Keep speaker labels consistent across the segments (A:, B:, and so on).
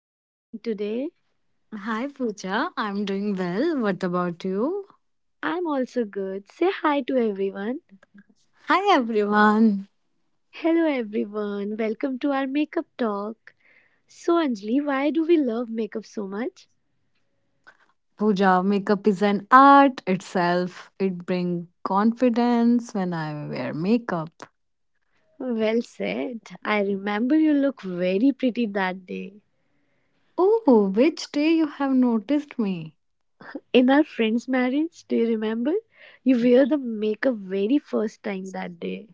A: are you doing today?
B: Hi Pooja, I'm doing well. What about you?
A: I'm also good. Say hi to everyone.
B: Hi everyone.
A: Hello everyone, welcome to our makeup talk. Anjali, why do we love makeup so much?
B: Pooja, makeup is an art itself. It brings confidence when I wear makeup.
A: Well said. I remember you look very pretty that day.
B: Oh, which day you have noticed me?
A: In our friend's marriage, do you remember? You wear the makeup very first time that day.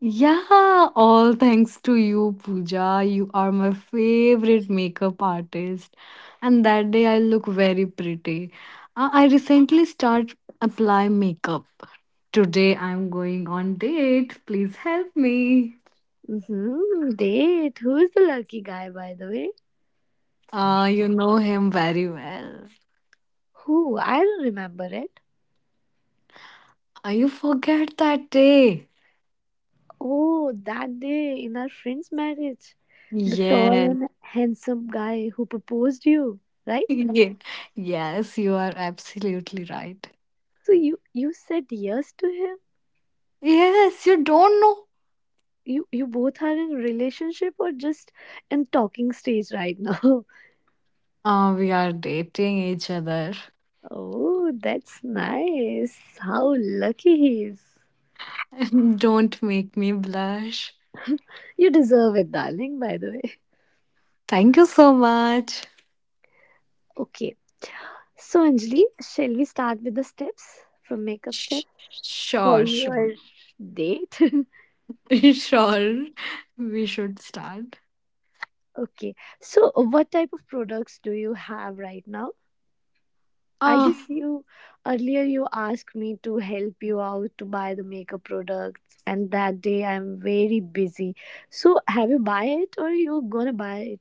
B: Yeah, all thanks to you, Pooja. You are my favorite makeup artist. And that day I look very pretty. I recently start apply makeup. Today I'm going on date. Please help me.
A: Mm-hmm, date. Who is the lucky guy, by the way?
B: You know him very well.
A: Who? I don't remember it.
B: You forget that day.
A: Oh, that day in our friend's marriage, the tall
B: Yeah.
A: and handsome guy who proposed you, right?
B: yeah. Yes, you are absolutely right.
A: So you said yes to him.
B: Yes, you don't know.
A: You both are in a relationship or just in talking stage right now.
B: We are dating each other.
A: Oh, that's nice. How lucky he is.
B: Don't make me blush.
A: You deserve it, darling, by the way.
B: Thank you so much.
A: Okay. So Anjali, shall we start with the steps from makeup step
B: Sh-
A: for
B: Sure, sure.
A: your date?
B: Sure, we should start.
A: Okay. So, what type of products do you have right now? I
B: Uh,
A: guess you earlier you asked me to help you out to buy the makeup products, and that day I'm very busy. So, have you buy it or you gonna buy it?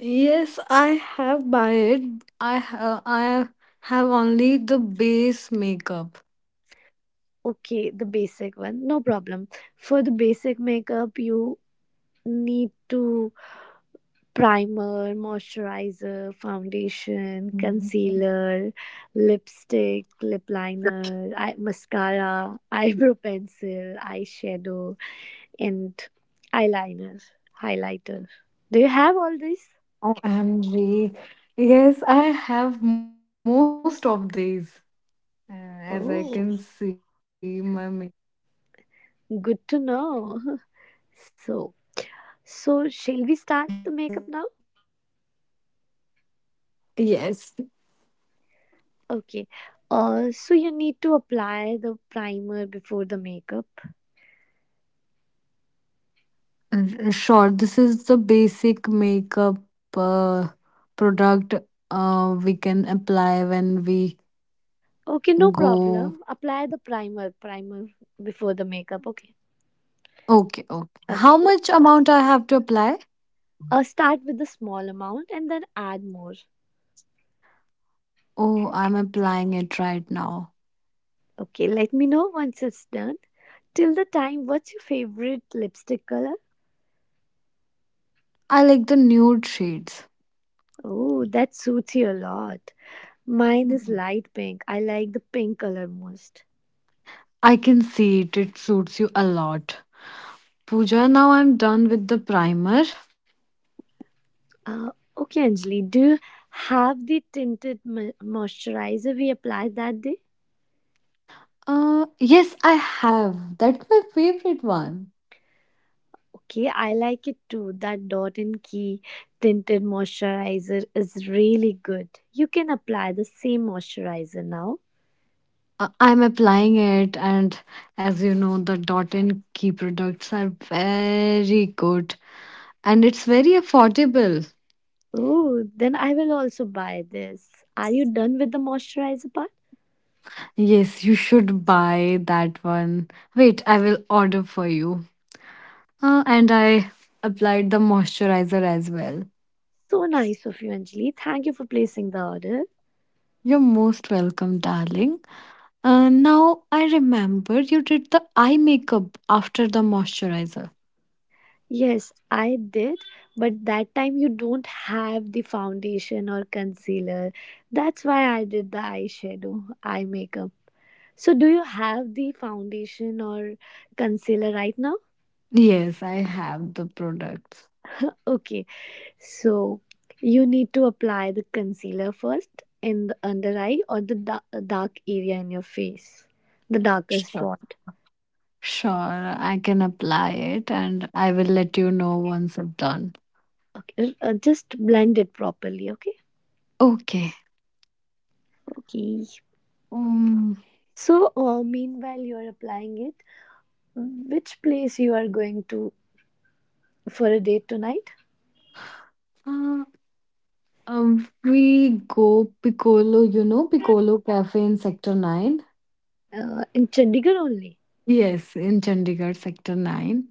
B: yes, I have buy it. I have only the base makeup.
A: Okay, the basic one, no problem. For the basic makeup, you need to primer, moisturizer, foundation,
B: Mm,
A: concealer, lipstick, lip liner, eye, mascara, eyebrow pencil, eyeshadow, and eyeliner, highlighter. Do you have all this?
B: OMG. Yes, I have most of these. As I can
A: Oh,
B: see, my makeup.
A: good to know. So,
B: Yes,
A: so shall we start the makeup now?
B: yes.
A: Okay. So you need to apply the primer before the makeup.
B: Sure, this is the basic makeup uh, product we can apply when we
A: Okay, no
B: go.
A: problem. Apply the primer, primer before the makeup. Okay.
B: Okay, okay. How
A: Okay.
B: much amount I have to apply?
A: Start with a small amount and then add more.
B: Oh, I'm applying it right now.
A: Okay, let me know once it's done. Till the time, what's your favorite lipstick color?
B: I like the nude shades.
A: Oh, that suits you a lot. Mine is light pink. I like the pink color most.
B: I can see it. It suits you a lot. Pooja, now I'm done with the primer.
A: Uh, okay, Anjali, do you have the moisturizer we applied that day?
B: Yes, I have. That's my favorite one.
A: Okay, I like it too. That Dot and Key tinted moisturizer is really good. You can apply the same moisturizer now.
B: I'm applying it, and as you know, the Dot and Key products are very good and it's very affordable.
A: Oh, then I will also buy this. Are you done with the moisturizer part?
B: Yes, you should buy that one. Wait, I will order for you. And I applied the moisturizer as well.
A: So nice of you, Anjali. Thank you for placing the order.
B: You're most welcome, darling. Now I remember you did the eye makeup after the moisturizer.
A: Yes, I did, but that time you don't have the foundation or concealer. That's why I did the eyeshadow, eye makeup. So, do you have the foundation or concealer right now?
B: Yes, I have the products.
A: Okay, so you need to apply the concealer first in the under eye or the dark area in your face, the darkest
B: Sure.
A: spot.
B: Sure, I can apply it and I will let you know once I'm done.
A: Okay, just blend it properly. Okay.
B: Okay.
A: Okay.
B: Um,
A: So, meanwhile, you are applying it. Which place you are going to for a date tonight?
B: uh, we go Piccolo, you know, Piccolo Cafe in Sector 9.
A: In Chandigarh only.
B: Yes, in Chandigarh Sector 9.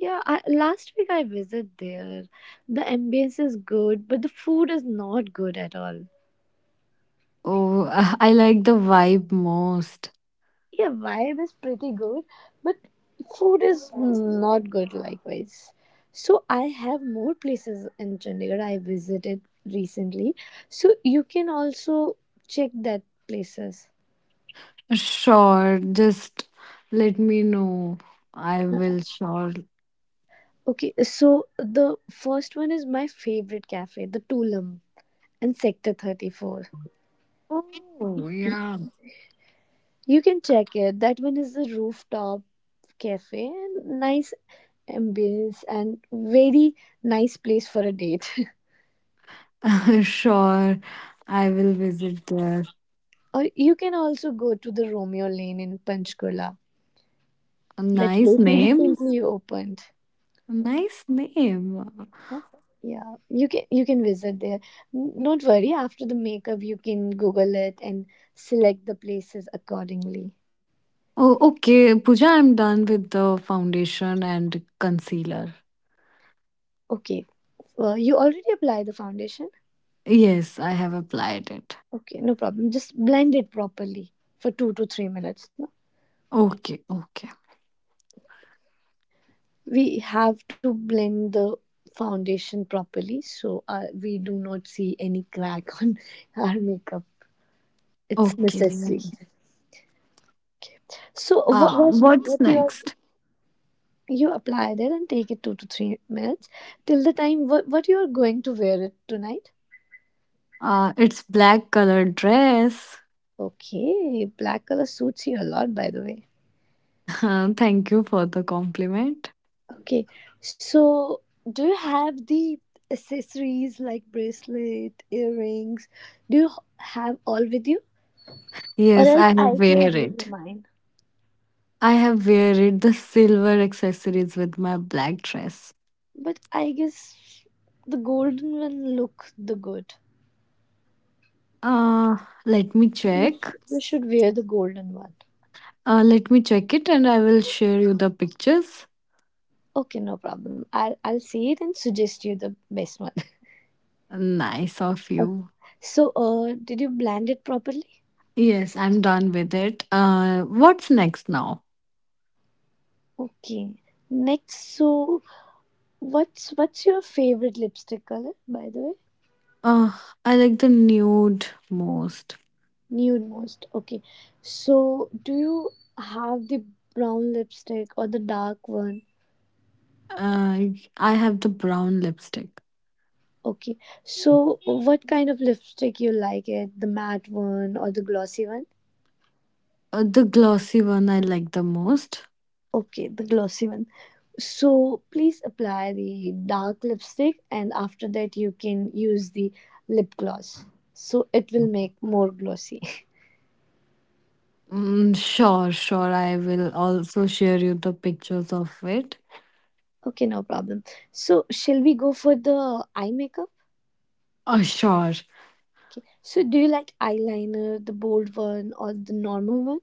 A: Yeah, last week I visited there. The ambience is good, but the food is not good at all.
B: Oh, I like the vibe most.
A: Yeah, vibe is pretty good, but food is not good likewise. So I have more places in Chandigarh I visited recently. So you can also check that places.
B: Sure, just let me know. I will sure.
A: Okay, so the first one is my favorite cafe, the Tulum in Sector 34.
B: Oh, yeah.
A: You can check it. That one is a rooftop cafe and nice ambience and very nice place for a date.
B: Sure, I will visit there.
A: Or you can also go to the Romeo Lane in Panchkula.
B: A
A: That
B: nice
A: place
B: name.
A: recently opened.
B: Nice name.
A: Yeah, you can visit there. Don't worry, after the makeup you can Google it and select the places accordingly.
B: Oh, okay, Pooja, I'm done with the foundation and concealer.
A: Okay, you already applied the foundation.
B: Yes, I have applied it.
A: Okay, no problem. Just blend it properly for 2 to 3 minutes. No?
B: Okay, okay,
A: We have to blend the foundation properly so we do not see any crack on our makeup. It's
B: okay.
A: necessary. So
B: Ah,
A: what
B: what's
A: you are
B: next?
A: you apply that and take it 2 to 3 minutes till the time what you are going to wear it tonight.
B: It's black colored dress.
A: Okay, black color suits you a lot, by the way.
B: Thank you for the compliment.
A: Okay, so do you have the accessories like bracelet, earrings? Do you h- have all with you, or
B: Yes,
A: else
B: I have
A: I can
B: wear
A: give you
B: it.
A: mine.
B: I have wear it the silver accessories with my black dress.
A: But I guess the golden one look the good.
B: Uh, let me
A: You, sh-
B: check.
A: you should wear the golden one.
B: Let me check it and I will share you the pictures.
A: Okay, no problem. I'll see it and suggest you the best one.
B: Nice of
A: Okay.
B: you.
A: So, did you blend it properly?
B: Yes, I'm done with it. What's next now?
A: Okay. Next, so what's your favorite lipstick color, by the way?
B: Uh, I like the nude most.
A: Nude most. Okay. So, do you have the brown lipstick or the dark one?
B: Uh, I have the brown lipstick.
A: Okay. So, what kind of lipstick you like it? The matte one or the glossy one?
B: The glossy one I like the most.
A: Okay, the glossy one. So please apply the dark lipstick and after that you can use the lip gloss. So it will make more glossy.
B: Mm, sure, sure. I will also share you the pictures of it.
A: Okay, no problem. So shall we go for the eye makeup?
B: Sure.
A: Okay. So do you like eyeliner, the bold one or the normal one?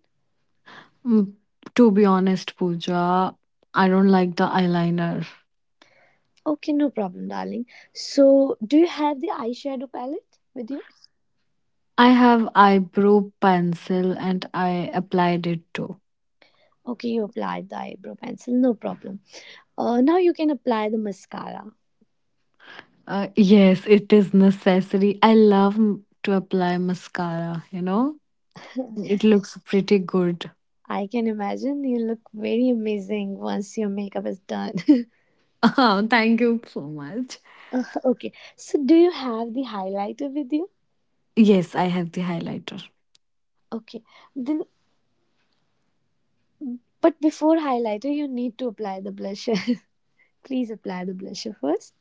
B: Mm, to be honest, Pooja, I don't like the eyeliner.
A: Okay, no problem, darling. So do you have the eyeshadow palette with you?
B: I have eyebrow pencil and I applied it too.
A: Okay, you applied the eyebrow pencil, no problem. Now you can apply the mascara.
B: Yes, it is necessary. I love to apply mascara, you know? It looks pretty good.
A: I can imagine you look very amazing once your makeup is done.
B: Oh, thank you so much.
A: Okay, so do you have the highlighter with you?
B: Yes, I have the highlighter.
A: Okay, then, but before highlighter, you need to apply the blusher. Please apply the blusher first.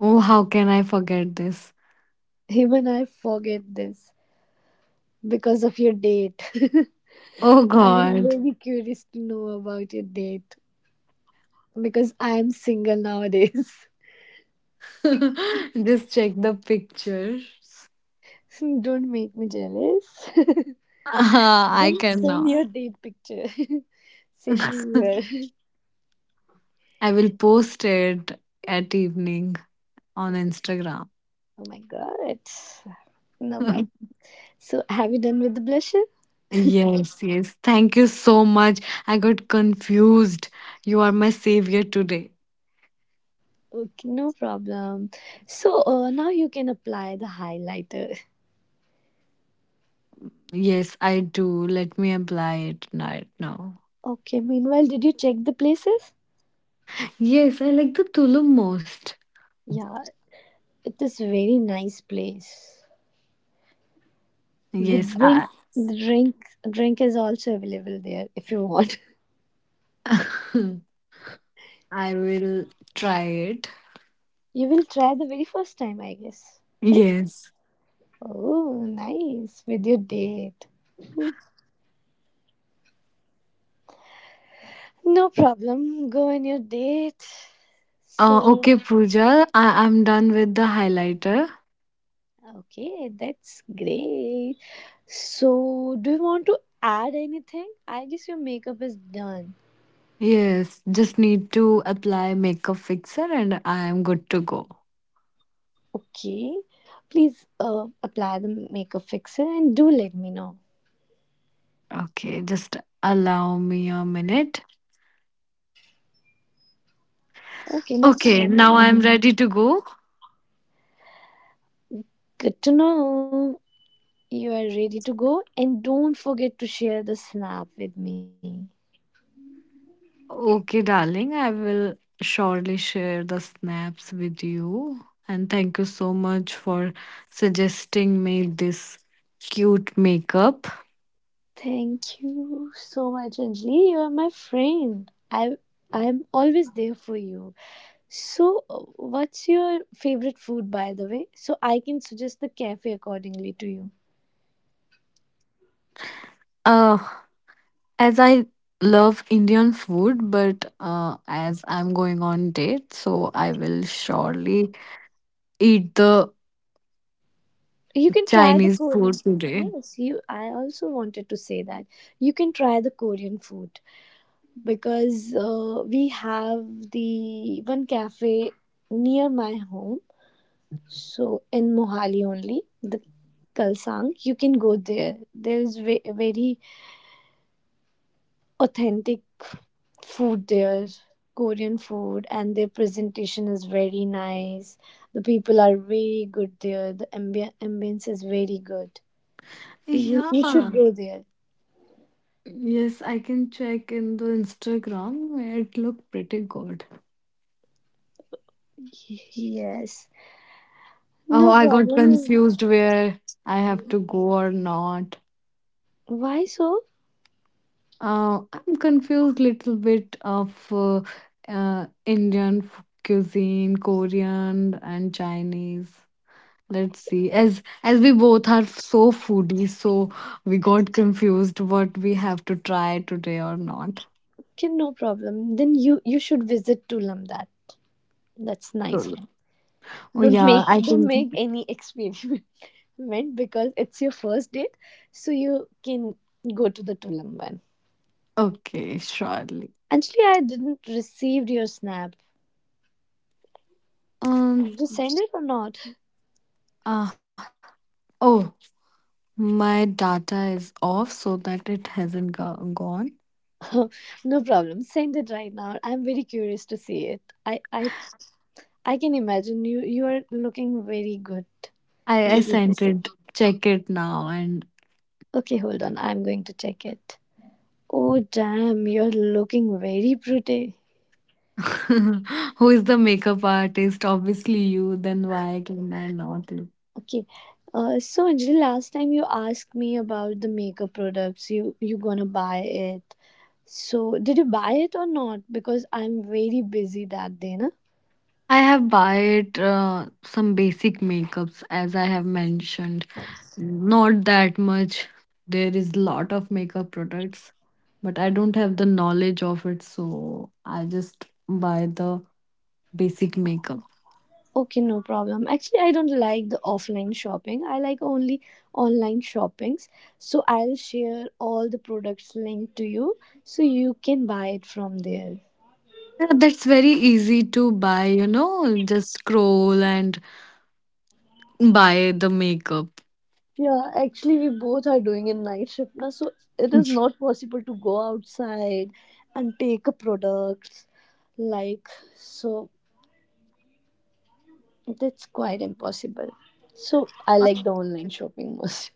B: Oh, how can I forget this?
A: Even I forget this because of your date.
B: Oh
A: I'm
B: God.
A: very curious to know about your date because I am single nowadays.
B: Just check the pictures.
A: Don't make me jealous.
B: Ah, I
A: Don't send
B: cannot.
A: your date picture. Send me your
B: I will post it at evening on Instagram.
A: Oh my god. No problem. So, have you done with the blusher?
B: Yes, yes. Thank you so much. I got confused. You are my savior today.
A: Okay, no problem. So, now you can apply the highlighter.
B: Yes, I do. Let me apply it right now.
A: Okay, meanwhile, did you check the places?
B: Yes, I like the Tulum most.
A: Yeah, it is very nice place. The
B: Yes,
A: drink,
B: I
A: the drink is also available there if you want.
B: I will try it.
A: You will try the very first time, I guess. Right?
B: Yes.
A: Oh, nice. With your date. No problem. Go on your date.
B: Uh,
A: So,
B: okay, Pooja. I'm done with the highlighter.
A: okay, that's great. So, do you want to add anything? I guess your makeup is done.
B: Yes, just need to apply makeup fixer and I am good to go.
A: Okay, please apply the makeup fixer and do let me know.
B: Okay, just allow me a minute.
A: Okay, no
B: Okay, now
A: problem.
B: I'm Mm. ready to go.
A: Good to know you are ready to go, and don't forget to share the snap with me.
B: Okay, darling, I will surely share the snaps with you. And thank you so much for suggesting me this cute makeup.
A: Thank you so much, Anjali. You are my friend. I'm always there for you. So, what's your favorite food, by the way? So I can suggest the cafe accordingly to you.
B: Uh, as I love Indian food, but as I'm going on date, so I will surely eat the
A: You can
B: Chinese
A: try the
B: food
A: Korean.
B: today.
A: Yes, you. I also wanted to say that you can try the Korean food because we have the one cafe near my home. So in Mohali only, the Kalsang, you can go there. There is very authentic food there, Korean food, and their presentation is very nice. The people are very good there. The ambience is very good. So
B: Yeah.
A: you should go there.
B: Yes, I can check in the Instagram. It looked pretty good.
A: Yes.
B: Oh,
A: No
B: I got
A: problem.
B: confused where I have to go or not.
A: Why so?
B: I'm confused little bit of Indian cuisine, Korean and Chinese. Let's see. As we both are so foodie, so we got confused what we have to try today or not.
A: Okay, no problem. Then you should visit Tulam. That's nice.
B: Sure. Oh yeah, I
A: Don't
B: think
A: make any experiment because it's your first date, so you can go to the Tulam one.
B: okay, surely.
A: Actually, I didn't receive your snap.
B: Um.
A: Did send it or not?
B: Uh, oh, my data is off, so that it hasn't gone.
A: No problem. Send it right now. I'm very curious to see it. I can imagine you are looking very good.
B: I
A: Very, very
B: sent
A: good.
B: it. Check it now. And
A: Okay, hold on. I'm going to check it. Oh damn, you're looking very pretty.
B: who is the makeup artist? Obviously you. Then why can I not look?
A: Okay. So Anjali, last time you asked me about the makeup products you gonna buy it. So did you buy it or not? Because I'm very busy that day, na.
B: I have bought some basic makeups as I have mentioned. Not that much. There is lot of makeup products, but I don't have the knowledge of it, so I just buy the basic makeup.
A: Okay, no problem. Actually, I don't like the offline shopping. I like only online shoppings. So I'll share all the products linked to you so you can buy it from there.
B: Yeah, that's very easy to buy, you know, just scroll and buy the makeup.
A: Yeah, actually we both are doing a night shift now, so it is not possible to go outside and take a products like so that's quite impossible. So I like the online shopping most.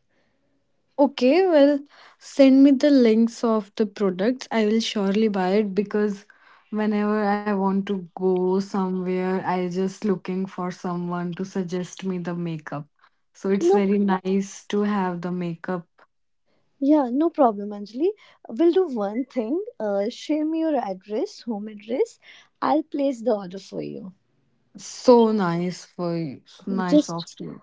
B: Okay, well, send me the links of the products. I will surely buy it because whenever I want to go somewhere, I just looking for someone to suggest me the makeup. So it's
A: Okay, no
B: very nice to have the makeup.
A: Yeah, no problem, Anjali. We'll do one thing. Share me your address, home address. I'll place the order for you.
B: So nice for you. So Nice of
A: Just
B: you.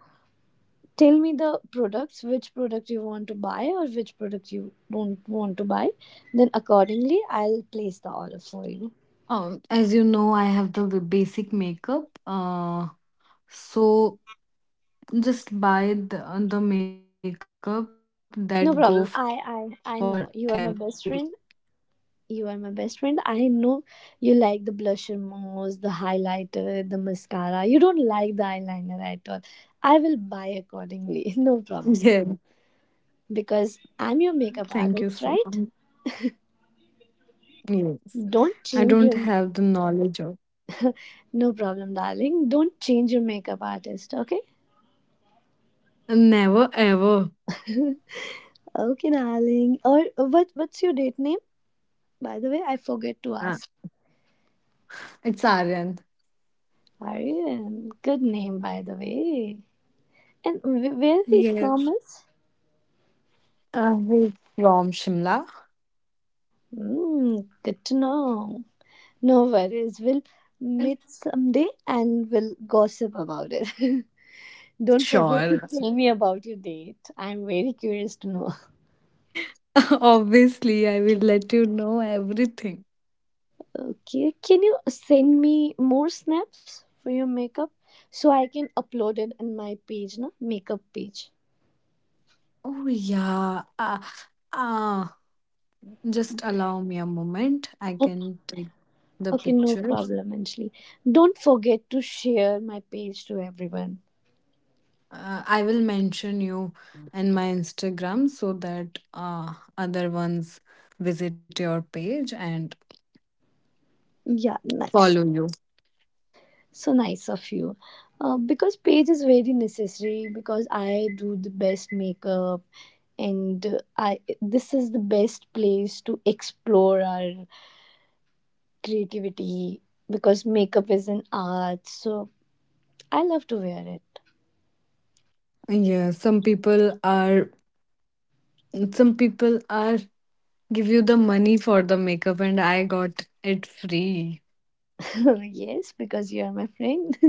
A: tell me the products, which product you want to buy or which product you don't want to buy. Then accordingly, I'll place the order for you.
B: As you know, I have the basic makeup. So just buy the makeup that go for
A: No problem.
B: every.
A: I know you are my best friend. You are my best friend. I know you like the blusher most, the highlighter, the mascara. You don't like the eyeliner at all. I will
B: Yeah.
A: buy accordingly. No problem.
B: Thank you so
A: Because
B: much.
A: I'm your makeup artist, right?
B: Yes. I don't have the
A: Don't change
B: knowledge of.
A: your No problem, darling. Don't change your makeup artist, okay?
B: Never ever.
A: Okay, darling. Or what? What's your date name? By the way, I
B: Ah,
A: forget to ask.
B: it's Aryan.
A: Aryan, good name, by the way. And where
B: Yes.
A: he from is?
B: He's from Shimla.
A: Mm, good to know. No worries. We'll meet someday and we'll gossip about it. Don't forget
B: Sure.
A: to tell me about your date. I'm very curious to know.
B: Obviously, I will let you know everything.
A: Okay, can you send me more snaps for your makeup so I can upload it in my page, na makeup page?
B: Oh, yeah. Uh, just allow me a moment. I
A: O-
B: can take the
A: Okay, no
B: pictures.
A: problem, Anjali. Don't forget to share my page to everyone.
B: I will mention you in my Instagram so that other ones visit your page and
A: Yeah, nice.
B: follow you.
A: So nice of you. Because page is very necessary because I do the best makeup and I this is the best place to explore our creativity because makeup is an art. So I love to wear it.
B: Yeah, some people are give you the money for the makeup and I got it free.
A: Yes, because you are my friend.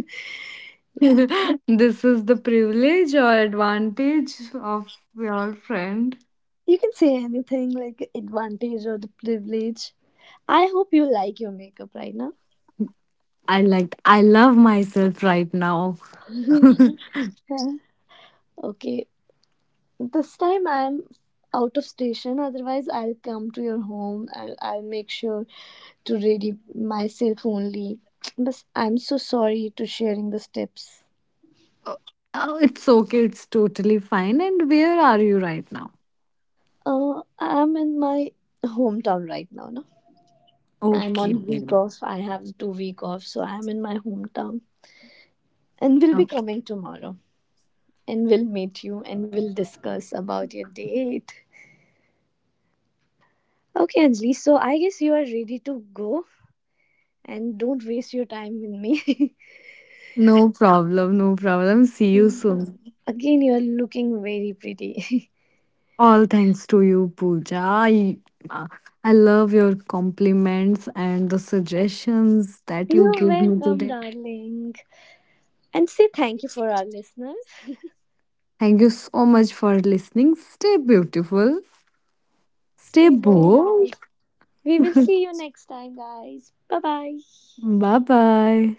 A: Yeah.
B: This is the privilege or advantage of your friend.
A: You can say anything like advantage or the privilege. I hope you like your makeup right now.
B: I love myself right now.
A: Huh? Okay. This time I'm out of station, otherwise I'll come to your home and I'll make sure to ready myself only. But I'm so sorry to sharing the steps.
B: Oh, oh, it's okay, it's totally fine. And where are you right now?
A: I'm in my hometown right now, no? I'm
B: Okay,
A: on week
B: baby.
A: off. I have 2 week off, so I'm in my hometown and will be
B: Okay.
A: coming tomorrow. And we'll meet you and we'll discuss about your date. Okay, Anjali, so I guess you are ready to go and don't waste your time with me.
B: No problem, no problem. See you soon.
A: Again, you are looking very pretty.
B: All thanks to you, Pooja. Uh, I love your compliments and the suggestions that you
A: You're
B: give me
A: welcome,
B: today.
A: darling. And say thank you for our listeners.
B: Thank you so much for listening. Stay beautiful. Stay
A: Stay bold.
B: bold.
A: We will see you next time, guys. Bye bye.
B: Bye bye.